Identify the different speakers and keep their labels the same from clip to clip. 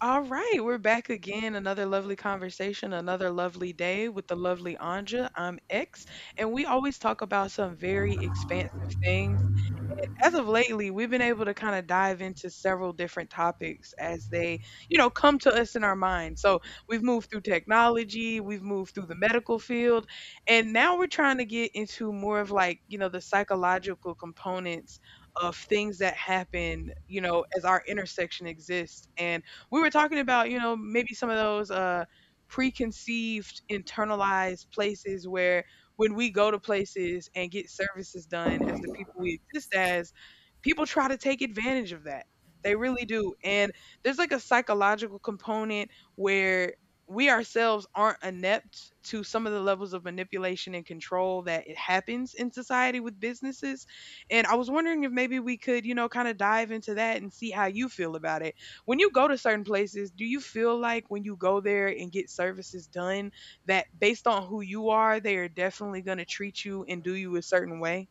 Speaker 1: All right, we're back again. Another lovely conversation, another lovely day with the lovely Anja. I'm X, and we always talk about some very expansive things. And as of lately, we've been able to kind of dive into several different topics as they, you know, come to us in our mind. So we've moved through technology, we've moved through the medical field, and now we're trying to get into more of like, you know, the psychological components of things that happen, you know, as our intersection exists. And we were talking about, you know, maybe some of those preconceived, internalized places where when we go to places and get services done as the people we exist as, people try to take advantage of that. They really do. And there's like a psychological component where we ourselves aren't inept to some of the levels of manipulation and control that it happens in society with businesses. And I was wondering if maybe we could, you know, kind of dive into that and see how you feel about it. When you go to certain places, do you feel like when you go there and get services done, that based on who you are, they are definitely going to treat you and do you a certain way?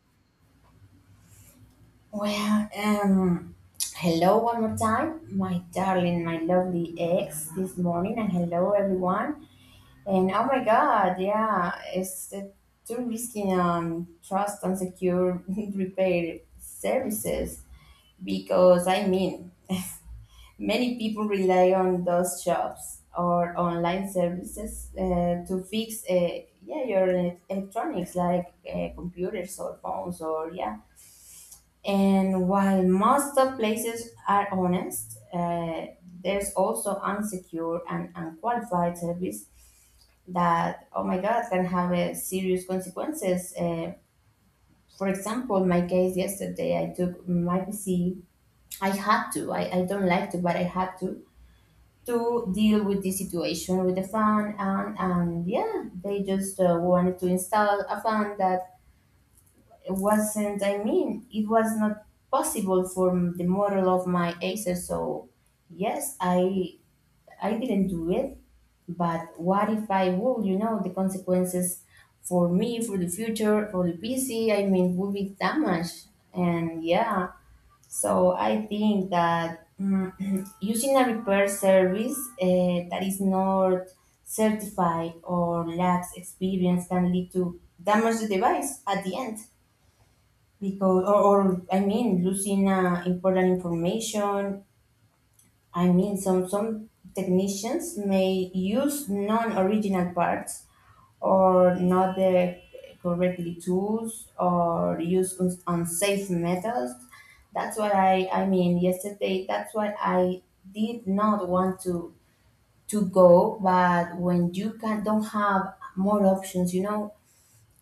Speaker 2: Well, um, Hello one more time, my darling, my lovely ex this morning, and hello everyone. And oh my god, yeah, it's the too risky trust and secure repair services because I mean, many people rely on those shops or online services to fix yeah your electronics like computers or phones or yeah. And while most of places are honest, there's also unsecure and unqualified service that, oh my God, can have serious consequences. For example, my case yesterday, I took my PC. I had to. I don't like to, but I had to deal with this situation with the fan, and yeah, they just wanted to install a fan that wasn't, I mean, it was not possible for the model of my Acer. So yes, I didn't do it, but what if I would, you know, the consequences for me, for the future, for the PC, I mean, would be damaged. And yeah, so I think that using a repair service that is not certified or lacks experience can lead to damage the device at the end because or I mean losing important information. I mean, some technicians may use non-original parts or not the correctly tools or use unsafe methods. That's what I mean yesterday. That's what I did not want to go. But when you can don't have more options, you know,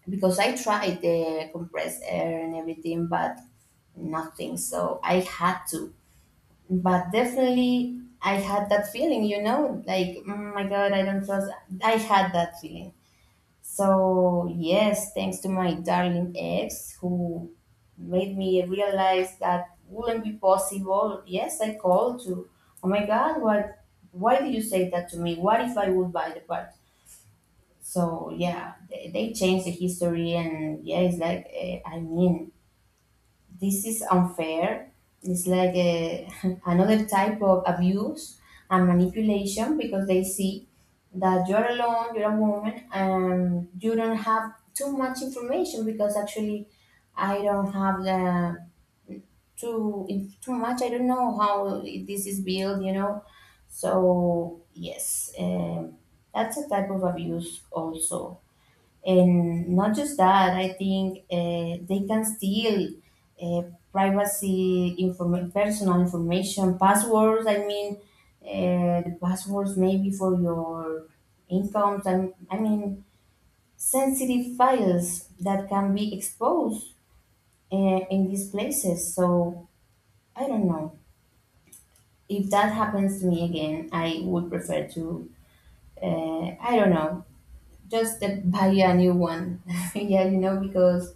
Speaker 2: because I tried the compressed air and everything, but nothing. So I had to. But definitely, I had that feeling, like, "Mm, my God, I don't trust." I had that feeling. So yes, thanks to my darling ex who made me realize that wouldn't be possible. Yes, I called to, oh my God, what? Why do you say that to me? What if I would buy the part? So yeah, they changed the history, and yeah, it's like I mean, this is unfair. It's like another type of abuse and manipulation because they see that you're alone, you're a woman, and you don't have too much information because actually, I don't have the too too much. I don't know how this is built, you know. So yes, that's a type of abuse also, and not just that, I think they can steal uh, privacy, personal information, passwords. I mean, the passwords maybe for your incomes, and I mean, sensitive files that can be exposed uh, in these places. So I don't know. If that happens to me again, I would prefer to, I don't know, just buy a new one. Yeah, you know, because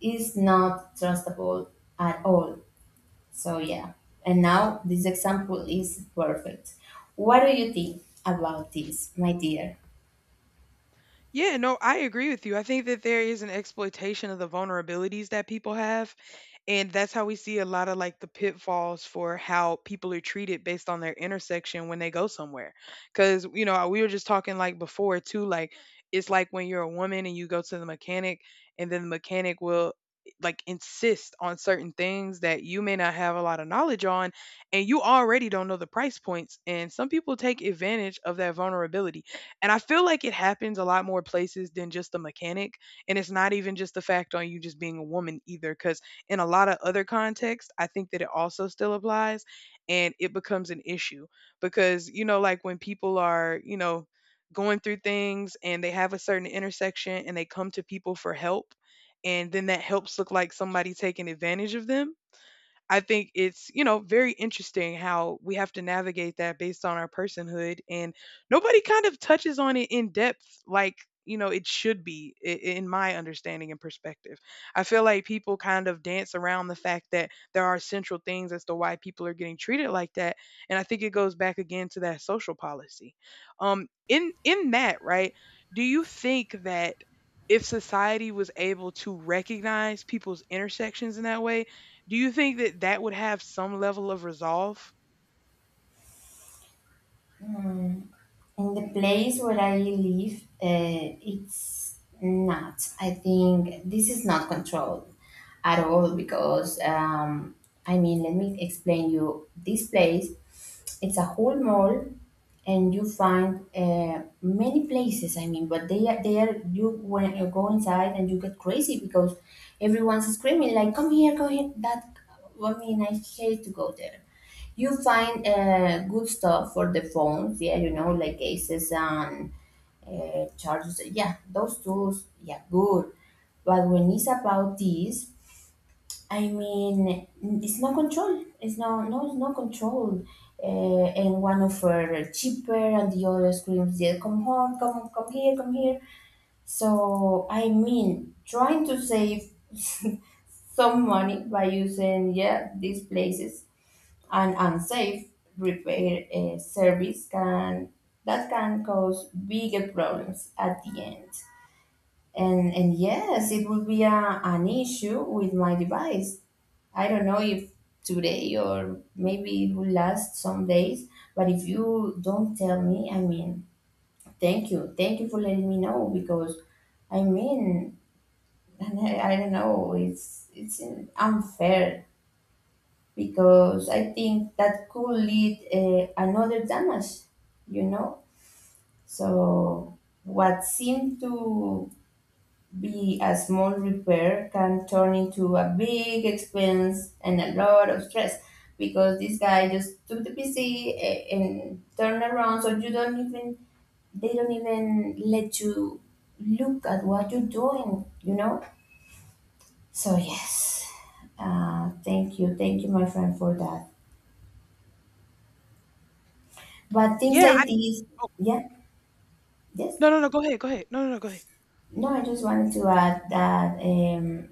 Speaker 2: is not trustable at all. So yeah. And now this example is perfect. What do you think about this, my dear?
Speaker 1: Yeah, no, I agree with you. I think that there is an exploitation of the vulnerabilities that people have. And that's how we see a lot of like the pitfalls for how people are treated based on their intersection when they go somewhere. Cause, you know, we were just talking like before too, like it's like when you're a woman and you go to the mechanic and then the mechanic will like insist on certain things that you may not have a lot of knowledge on, and you already don't know the price points and some people take advantage of that vulnerability. And I feel like it happens a lot more places than just the mechanic, and it's not even just the fact on you just being a woman either. In a lot of other contexts, I think that it also still applies and it becomes an issue because, you know, like when people are, you know, going through things and they have a certain intersection and they come to people for help, and then that helps look like somebody taking advantage of them. I think it's, you know, very interesting how we have to navigate that based on our personhood. And nobody kind of touches on it in depth like, you know, it should be in my understanding and perspective. I feel like people kind of dance around the fact that there are central things as to why people are getting treated like that. And I think it goes back again to that social policy. In that, right, do you think that if society was able to recognize people's intersections in that way, do you think that that would have some level of resolve?
Speaker 2: In the place where I live, it's not. I think this is not controlled at all because, I mean, let me explain you. This place, it's a whole mall, and you find many places. I mean, but they are you, when you go inside, and you get crazy because everyone's screaming like, "Come here, come here!" That, I mean, I hate to go there. You find good stuff for the phones, yeah, you know, like cases and chargers. Yeah, those tools, yeah, good. But when it's about this, I mean, it's no control. It's no, no, it's no control. And one offer cheaper, and the other screams, "Yeah, come home, come, come here, come here." So I mean, trying to save some money by using yeah these places an unsafe repair service can that can cause bigger problems at the end. And yes, it will be a, an issue with my device. I don't know if today or maybe it will last some days, but if you don't tell me, I mean, thank you. Thank you for letting me know because I mean, I don't know, it's unfair because I think that could lead another damage, you know. So what seemed to be a small repair can turn into a big expense and a lot of stress because this guy just took the PC and turned around, so you don't even they don't even let you look at what you're doing, you know. So yes, thank you, my friend, for that. But things
Speaker 1: Yeah, I,
Speaker 2: like these,
Speaker 1: oh,
Speaker 2: yeah, yes.
Speaker 1: no, no, no, go ahead, go ahead. No, no, no, go ahead.
Speaker 2: No, I just wanted to add that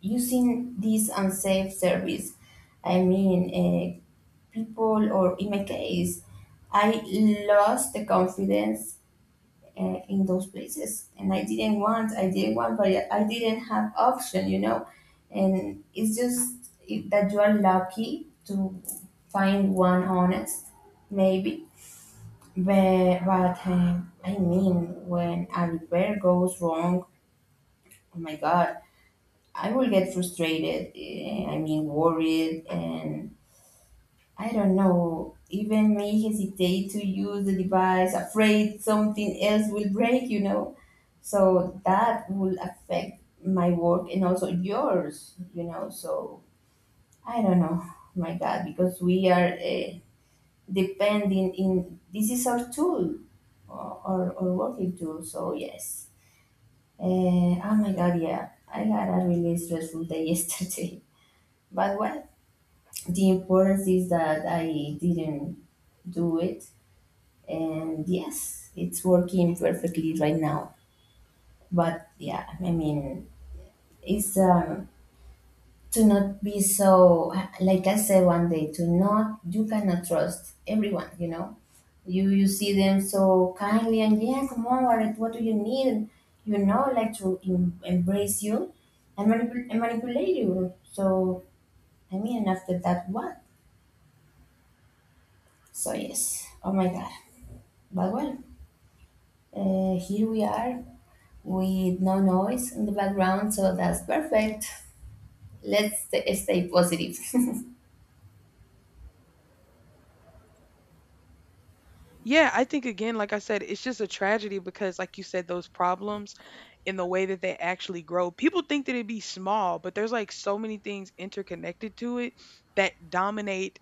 Speaker 2: using this unsafe service, I mean, people, or in my case, I lost the confidence in those places, and I didn't want, but I didn't have option, you know. And it's just that you are lucky to find one honest, maybe. But I mean, when a repair goes wrong, oh my God, I will get frustrated. I mean, worried, and I don't know, even may hesitate to use the device, afraid something else will break, you know. So that will affect my work and also yours, you know. So I don't know, oh my God, because we are depending in this is our tool or our working tool. So yes, uh, oh my god, yeah, I had a really stressful day yesterday, but well, the importance is that I didn't do it, and yes, it's working perfectly right now. But yeah, I mean, it's to not be so, like I said one day, to not you cannot trust everyone, you know. You see them so kindly and yeah come on Warren, what do you need, and you know, like to embrace you and, manipulate you. So I mean, after that, what? So yes, oh my god, but well, here we are with no noise in the background, so that's perfect. Let's stay positive.
Speaker 1: Yeah, I think again, like I said, it's just a tragedy because, like you said, those problems in the way that they actually grow. People think that it'd be small, but there's like so many things interconnected to it that dominate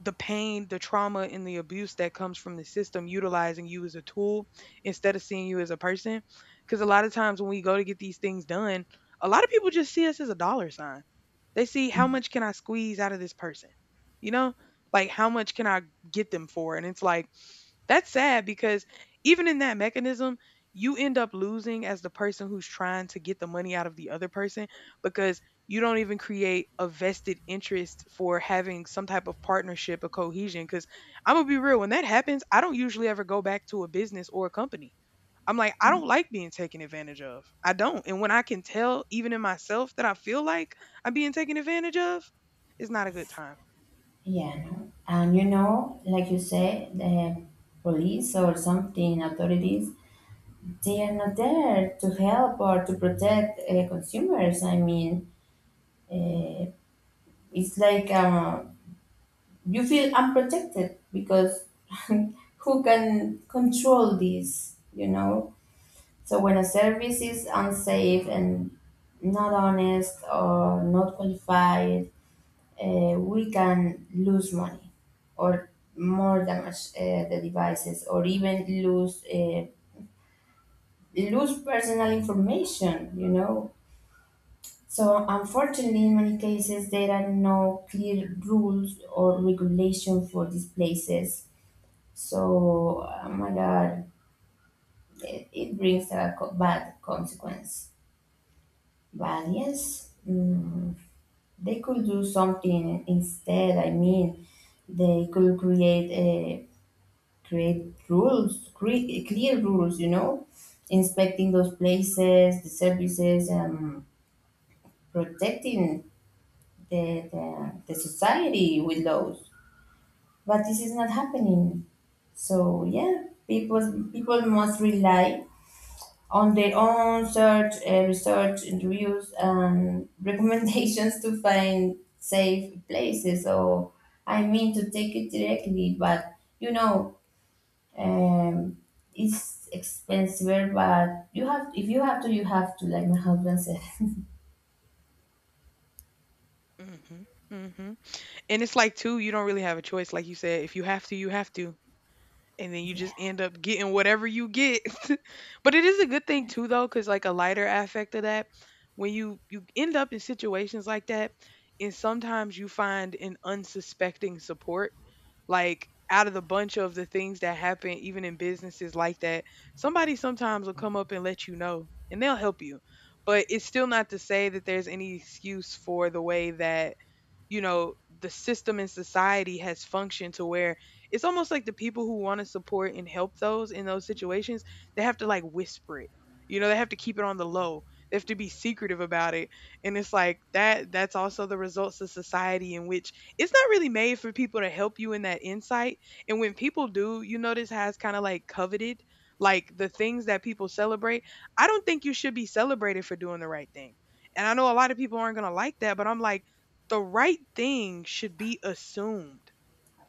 Speaker 1: the pain, the trauma, and the abuse that comes from the system utilizing you as a tool instead of seeing you as a person. Because a lot of times when we go to get these things done, a lot of people just see us as a dollar sign. They see how much can I squeeze out of this person? You know, like how much can I get them for? And it's like, that's sad because even in that mechanism, you end up losing as the person who's trying to get the money out of the other person because you don't even create a vested interest for having some type of partnership or cohesion. Because I'm going to be real, when that happens, I don't usually ever go back to a business or a company. I'm like, I don't like being taken advantage of. I don't. And when I can tell, even in myself, that I feel like I'm being taken advantage of, it's not a good time.
Speaker 2: Yeah, no. And you know, like you say, the police or something authorities, they are not there to help or to protect consumers. I mean, uh, it's like you feel unprotected because who can control this, you know? So when a service is unsafe and not honest or not qualified, we can lose money or more damage the devices or even lose lose personal information, you know? So, unfortunately, in many cases, there are no clear rules or regulation for these places. So, oh my God, it brings a bad consequence. But yes, they could do something instead. I mean, they could create rules, clear rules. You know, inspecting those places, the services, and protecting the society with laws. But this is not happening. So yeah, people must rely on their own search, research, interviews, and recommendations to find safe places. So I mean to take it directly, but you know, um, it's expensive. But you have if you have to, you have to. Like my husband said,
Speaker 1: Mhm, mhm, and it's like too, you don't really have a choice, like you said, if you have to, you have to, and then you just end up getting whatever you get. But it is a good thing too, though, because like a lighter aspect of that, when you end up in situations like that, and sometimes you find an unsuspecting support. Like out of the bunch of the things that happen even in businesses like that, somebody sometimes will come up and let you know and they'll help you. But it's still not to say that there's any excuse for the way that, you know, the system in society has functioned to where it's almost like the people who want to support and help those in those situations, they have to like whisper it. You know, they have to keep it on the low. They have to be secretive about it. And it's like that, that's also the results of society in which it's not really made for people to help you in that insight. And when people do, you notice how it's kind of like coveted, like the things that people celebrate. I don't think you should be celebrated for doing the right thing. And I know a lot of people aren't going to like that, but I'm like the right thing should be assumed.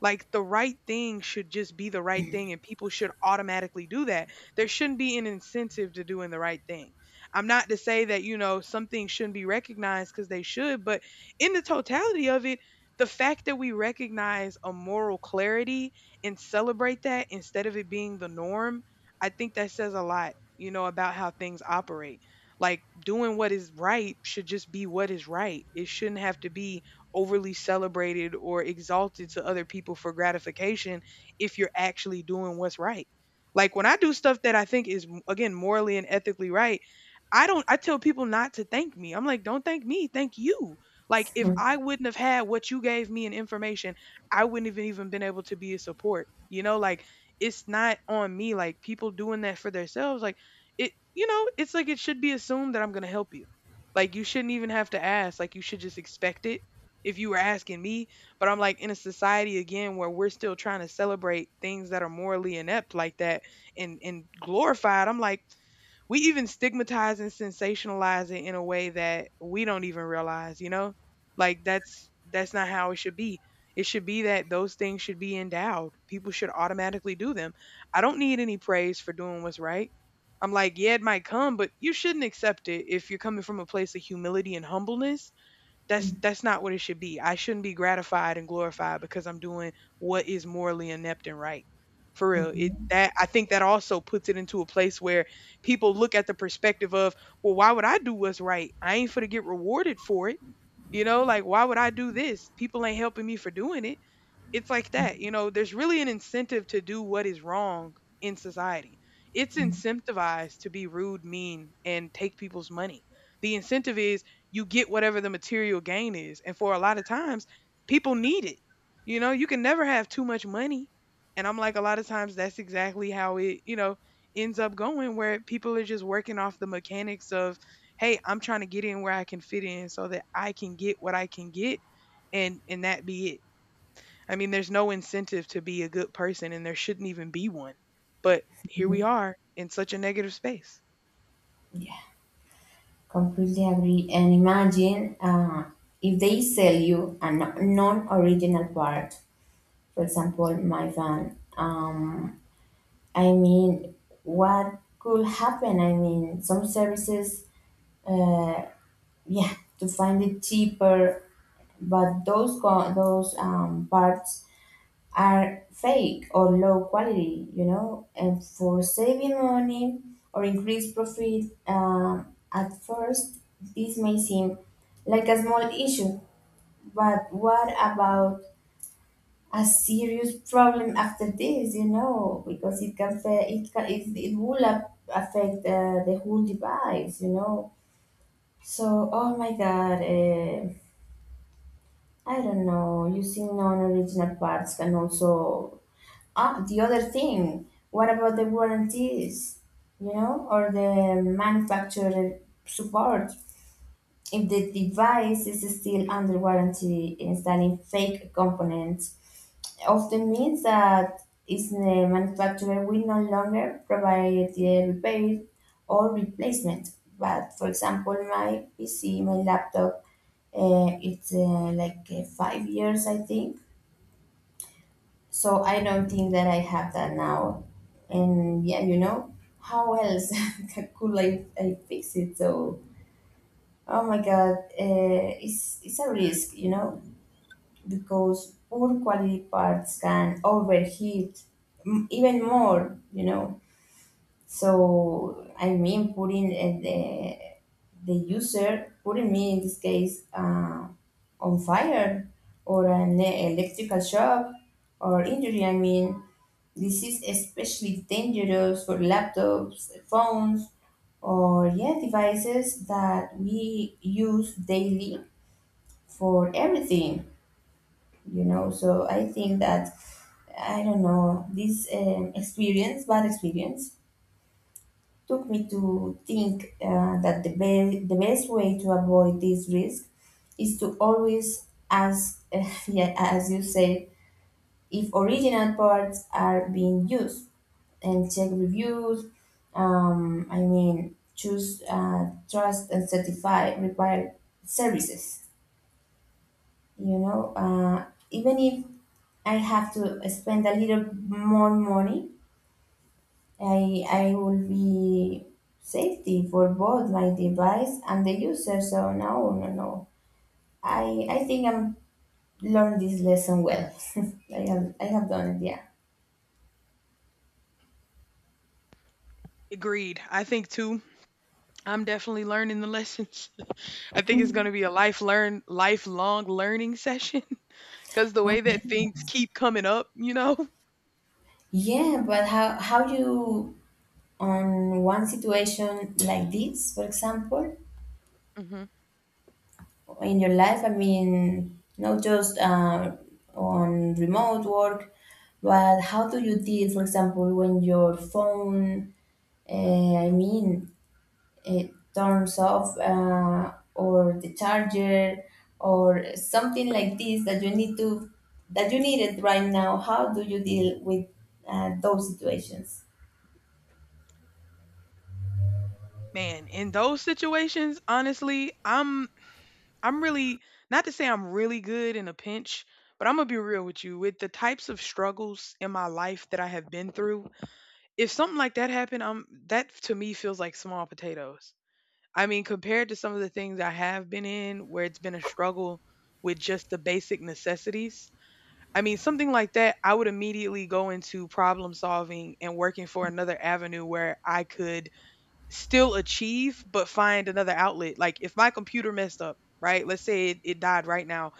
Speaker 1: Like the right thing should just be the right thing, and people should automatically do that. There shouldn't be an incentive to doing the right thing. I'm not to say that, you know, some things shouldn't be recognized because they should, but in the totality of it, the fact that we recognize a moral clarity and celebrate that instead of it being the norm, I think that says a lot, you know, about how things operate. Like doing what is right should just be what is right. It shouldn't have to be overly celebrated or exalted to other people for gratification if you're actually doing what's right. Like when I do stuff that I think is again morally and ethically right, I tell people not to thank me. I'm like, don't thank me, thank you. Like if
Speaker 2: yes.
Speaker 1: I wouldn't have had what you gave me in information, I wouldn't have even been able to be a support. You know, like it's not on me. Like people doing that for themselves, like it you know, it's like it should be assumed that I'm gonna help you. Like you shouldn't even have to ask. Like you should just expect it if you were asking me. But I'm like in a society again where we're still trying to celebrate things that are morally inept like that, and glorified. I'm like we even stigmatize and sensationalize it in a way that we don't even realize, you know? Like that's not how it should be. It should be that those things should be endowed. People should automatically do them. I don't need any praise for doing what's right. I'm like, yeah, it might come, but you shouldn't accept it if you're coming from a place of humility and humbleness. That's not what it should be. I shouldn't be gratified and glorified because I'm doing what is morally inept and right. For real, it that I think that also puts it into a place where people look at the perspective of, well, why would I do what's right? I ain't for to get rewarded for it. You know, like why would I do this? People ain't helping me for doing it. It's like that, you know, there's really an incentive to do what is wrong in society. It's
Speaker 2: Mhm, mhm,
Speaker 1: incentivized to be rude, mean, and take people's money. The incentive is you get whatever the material gain is. And for a lot of times, people need it. You know, you can never have too much money. And I'm like, a lot of times that's exactly how it, you know, ends up going where people are just working off the mechanics of, hey, I'm trying to get in where I can fit in so that I can get what I can get, and that be it. I mean, there's no incentive to be a good person and there shouldn't even be one. But here we
Speaker 2: mhm,
Speaker 1: are in such a negative space.
Speaker 2: mhm. Completely agree. And imagine if they sell you a non-original part. For example, my van. I mean, what could happen? I mean, some services, uh, yeah, to find it cheaper, but those those parts are fake or low quality, you know, and for saving money or increased profit, at first this may seem like a small issue, but what about a serious problem after this, you know, because it can it can, it will affect the whole device, you know. So, oh my God, I don't know, using non-original parts can also. Ah, the other thing, what about the warranties, you know, or the manufacturer support? If the device is still under warranty, installing fake components often means that is the manufacturer will no longer provide the repair or replacement. But for example, my PC, my laptop, it's like 5 years, I think, so I don't think that I have that now. And yeah, you know, how else could I fix it? So, oh my God, it's a risk, you know, because poor quality parts can overheat even more, you know. So I mean, putting the user, putting me in this case on fire or an electrical shock or injury. I mean, this is especially dangerous for laptops, phones, or yeah, devices that we use daily for everything. You know, so I think that I don't know this experience, bad experience took me to think that the, the best way to avoid this risk is to always ask, yeah, as you said, if original parts are being used and check reviews. I mean, choose trust and certify required services. You know, even if I have to spend a little more money, I will be safety for both my device and the user. So no, no, no. I think I'm learned this lesson well. I have done it. Yeah.
Speaker 1: Agreed. I think too, I'm definitely learning the lessons. I think it's going to be a lifelong learning session cuz the
Speaker 2: Oh
Speaker 1: way
Speaker 2: yeah.
Speaker 1: that things keep coming up, you know.
Speaker 2: Yeah, but how you on one situation like this, for example,
Speaker 1: hmm
Speaker 2: in your life? I mean, not just on remote work, but how do you deal, for example, when your phone? I mean, it turns off or the charger or something like this that you need to that you need it right now. How do you deal with those situations?
Speaker 1: Man, in those situations, honestly, I'm really, not to say I'm really good in a pinch, but I'm going to be real with you. With the types of struggles in my life that I have been through, if something like that happened, that to me feels like small potatoes. I mean, compared to some of the things I have been in where it's been a struggle with just the basic necessities. I mean, something like that, I would immediately go into problem solving and working for another avenue where I could still achieve, but find another outlet. Like if my computer messed up, right? Let's say it died right now.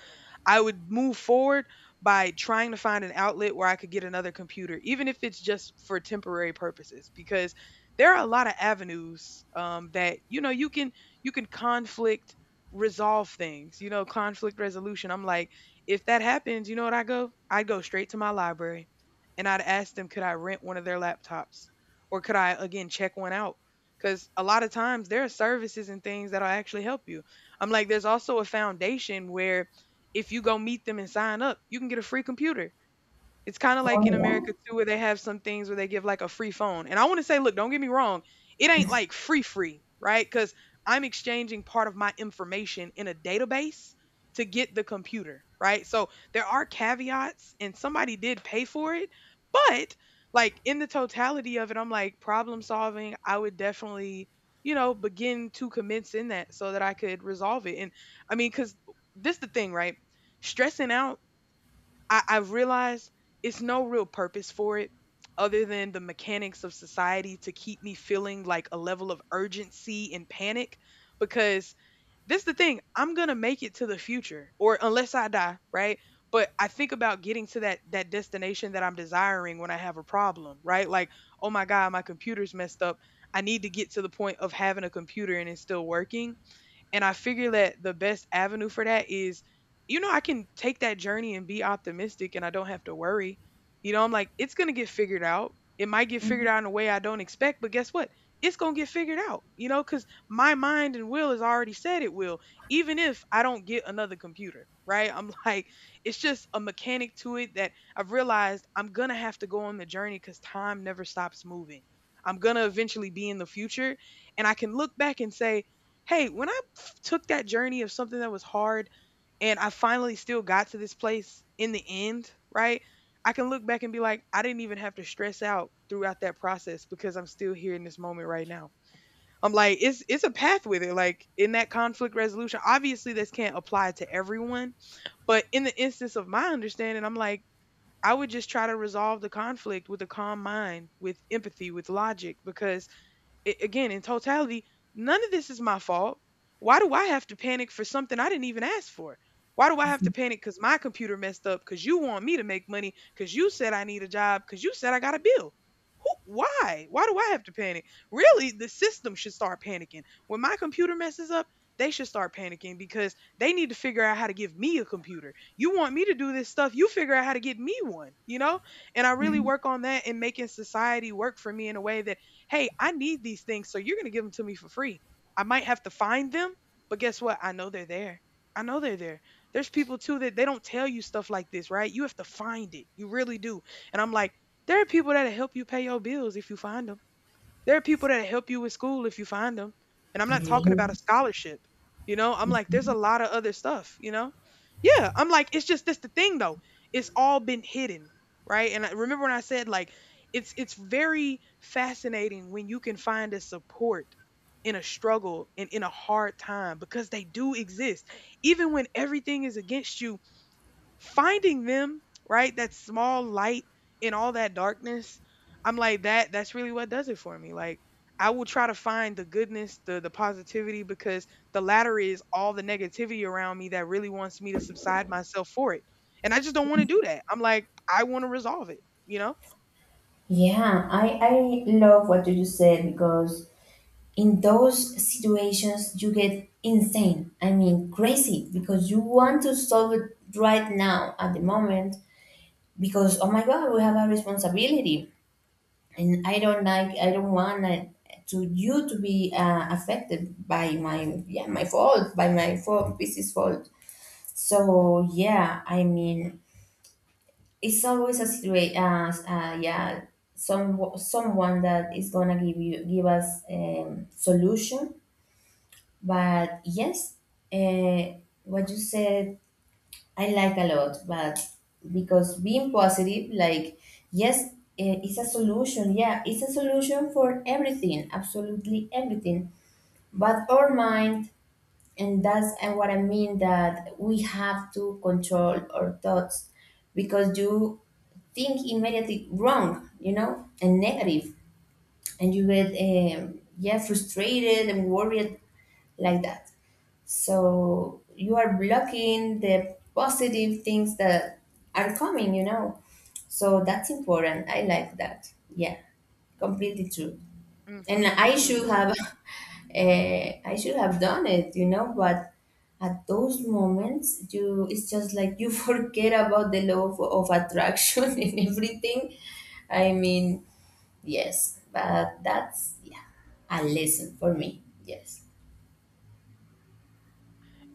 Speaker 1: I would move forward by trying to find an outlet where I could get another computer, even if it's just for temporary purposes, because there are a lot of avenues, that, you know, you can conflict resolve things. You know, conflict resolution. I'm like, if that happens, you know what I go? I go straight to my library, and I'd ask them, could I rent one of their laptops, or could I again check one out? Because a lot of times there are services and things that'll actually help you. I'm like, there's also a foundation where if you go meet them and sign up, you can get a free computer. It's kinda like in
Speaker 2: Oh,
Speaker 1: America too where they have some things where they give like a free phone. And I wanna say, look, don't get me wrong, it ain't like free free, right? Because I'm exchanging part of my information in a database to get the computer, right? So there are caveats and somebody did pay for it, but like in the totality of it, I'm like problem solving, I would definitely, you know, begin to commence in that so that I could resolve it. And I mean, cause this the thing, right? Stressing out, I realize it's no real purpose for it other than the mechanics of society to keep me feeling like a level of urgency and panic, because this the thing, I'm gonna make it to the future or unless I die, right? But I think about getting to that destination that I'm desiring when I have a problem, right? Like, oh my God, my computer's messed up, I need to get to the point of having a computer and it's still working. And I figure that the best avenue for that is, you know, I can take that journey and be optimistic and I don't have to worry. You know, I'm like, it's going to get figured out. It might get
Speaker 2: yeah.
Speaker 1: figured
Speaker 2: Mhm.
Speaker 1: out in a way I don't expect, but guess what? It's going to get figured out, you know, because my mind and will has already said it will, even if I don't get another computer, right? I'm like, it's just a mechanic to it that I've realized I'm going to have to go on the journey because time never stops moving. I'm going to eventually be in the future and I can look back and say, hey, when I took that journey of something that was hard and I finally still got to this place in the end, right? I can look back and be like, I didn't even have to stress out throughout that process because I'm still here in this moment right now. I'm like, it's a path with it. Like in that conflict resolution, obviously this can't apply to everyone, but in the instance of my understanding, I'm like, I would just try to resolve the conflict with a calm mind, with empathy, with logic, because I, again, in totality, none of this is my fault. Why do I have to panic for something I didn't even ask for? Why do I have to panic because my computer messed up? Because you want me to make money? Because you said I need a job? Because you said I got a bill? Who, why? Why do I have to panic? Really, the system should start panicking. When my computer messes up, they should start panicking because they need to figure out how to give me a computer. You want me to do this stuff, you figure out how to get me one, you know? And I really
Speaker 2: Mhm.
Speaker 1: work on that and making society work for me in a way that, hey, I need these things, so you're going to give them to me for free. I might have to find them, but guess what? I know they're there. I know they're there. There's people too that they don't tell you stuff like this, right? You have to find it. You really do. And I'm like, there are people that'll help you pay your bills if you find them. There are people that help you with school if you find them. And I'm not talking about
Speaker 2: Really?
Speaker 1: a scholarship. You know, I'm like, there's a lot of other stuff, you know? Yeah, I'm like, it's just that's the thing though. It's all been hidden, right? And I remember when I said like it's very fascinating when you can find a support in a struggle and in a hard time because they do exist. Even when everything is against you, finding them, right? That small light in all that darkness. I'm like that's really what does it for me. Like I will try to find the goodness, the positivity, because the latter is all the negativity around me that really wants me to subside myself for it. And I just don't want to do that. I'm like, I want to resolve it, you know?
Speaker 2: Yeah, I love what you said because in those situations you get insane. I mean, crazy because you want to solve it right now at the moment because, oh my God, we have a responsibility. And I don't like I don't want it to you to be affected by my yeah my fault by my fault this fault. So yeah, I mean, it's always a situation yeah, someone that is gonna give you give us solution. But yes, uh, what you said I like a lot, but because being positive, like, yes, it's a solution. Yeah, it's a solution for everything, absolutely everything. But our mind, and that's and what I mean that we have to control our thoughts because you think immediately wrong, you know, and negative, and you get, yeah, frustrated and worried like that, so you are blocking the positive things that are coming, you know. So that's important, I like that, yeah, completely true. And
Speaker 1: Mhm.
Speaker 2: I should
Speaker 1: Mhm.
Speaker 2: have I should have done it, you know, but at those moments you it's just like you forget about the law of attraction and everything. I mean, yes, but that's yeah a lesson for me, yes.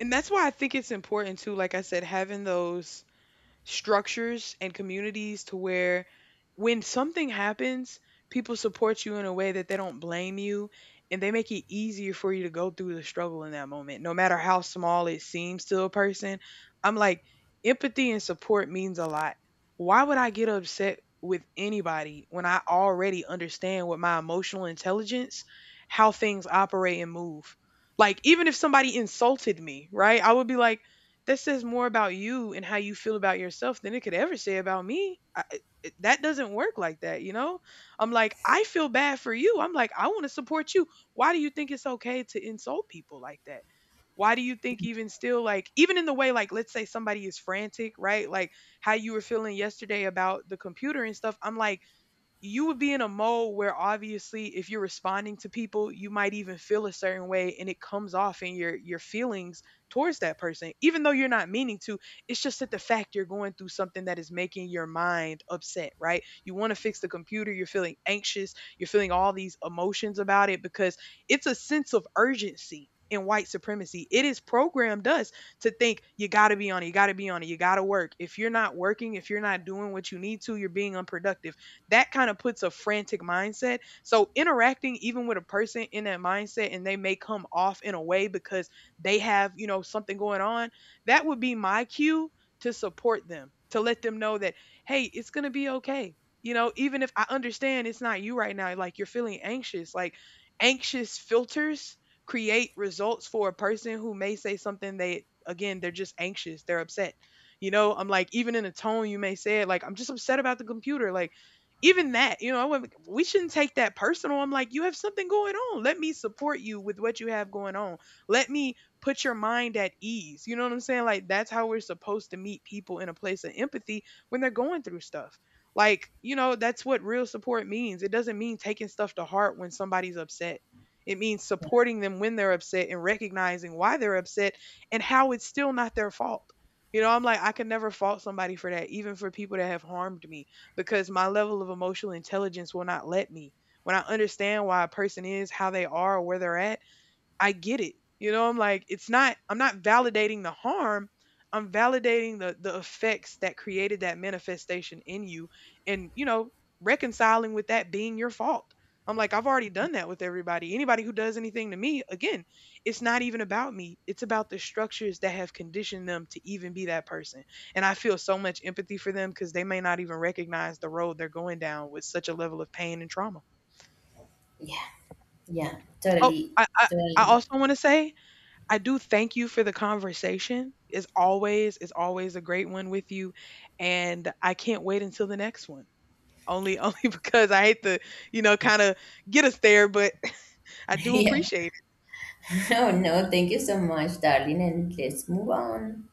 Speaker 1: And that's why I think it's important too, like I said, having those structures and communities to where when something happens, people support you in a way that they don't blame you and they make it easier for you to go through the struggle in that moment, no matter how small it seems to a person. I'm like, empathy and support means a lot. Why would I get upset with anybody when I already understand with my emotional intelligence how things operate and move? Like, even if somebody insulted me, right? I would be like, that says more about you and how you feel about yourself than it could ever say about me. I, that doesn't work like that, you know? I'm like, I feel bad for you. I'm like, I want to support you. Why do you think it's okay to insult people like that? Why do you think even still, like, even in the way, like, let's say somebody is frantic, right? Like how you were feeling yesterday about the computer and stuff. I'm like, you would be in a mode where obviously if you're responding to people you might even feel a certain way and it comes off in your feelings towards that person even though you're not meaning to. It's just that the fact you're going through something that is making your mind upset, right? You want to fix the computer, you're feeling anxious, you're feeling all these emotions about it, because it's a sense of urgency in white supremacy, it is programmed us to think you got to be on it, you got to be on it, you got to work. If you're not working, if you're not doing what you need to, you're being unproductive. That kind of puts a frantic mindset. So interacting even with a person in that mindset and they may come off in a way because they have, you know, something going on, that would be my cue to support them, to let them know that, hey, it's going to be okay. You know, even if I understand it's not you right now, like you're feeling anxious, like anxious filters create results for a person who may say something, they, again, they're just anxious, they're upset. You know, I'm like, even in a tone you may say it, like, I'm just upset about the computer. Like, even that, you know, I wouldn't- we shouldn't take that personal. I'm like, you have something going on. Let me support you with what you have going on. Let me put your mind at ease. You know what I'm saying? Like, that's how we're supposed to meet people in a place of empathy when they're going through stuff. Like, you know, that's what real support means. It doesn't mean taking stuff to heart when somebody's upset. It means supporting them when they're upset and recognizing why they're upset and how it's still not their fault. You know, I'm like, I can never fault somebody for that, even for people that have harmed me, because my level of emotional intelligence will not let me. When I understand why a person is how they are or where they're at, I get it. You know, I'm like, it's not, I'm not validating the harm. I'm validating the effects that created that manifestation in you and, you know, reconciling with that being your fault. I'm like, I've already done that with everybody. Anybody who does anything to me, again, it's not even about me. It's about the structures that have conditioned them to even be that person. And I feel so much empathy for them because they may not even recognize the road they're going down with such a level of pain and trauma.
Speaker 2: Yeah. Yeah,
Speaker 1: Oh,
Speaker 2: totally.
Speaker 1: I
Speaker 2: Totally.
Speaker 1: also want to say, I do thank you for the conversation. As always, it's always a great one with you. And I can't wait until the next one. Only only because I hate to, you know, kind of get us there, but I do
Speaker 2: Yeah.
Speaker 1: appreciate it.
Speaker 2: Oh no, thank you so much, darling. And let's move on.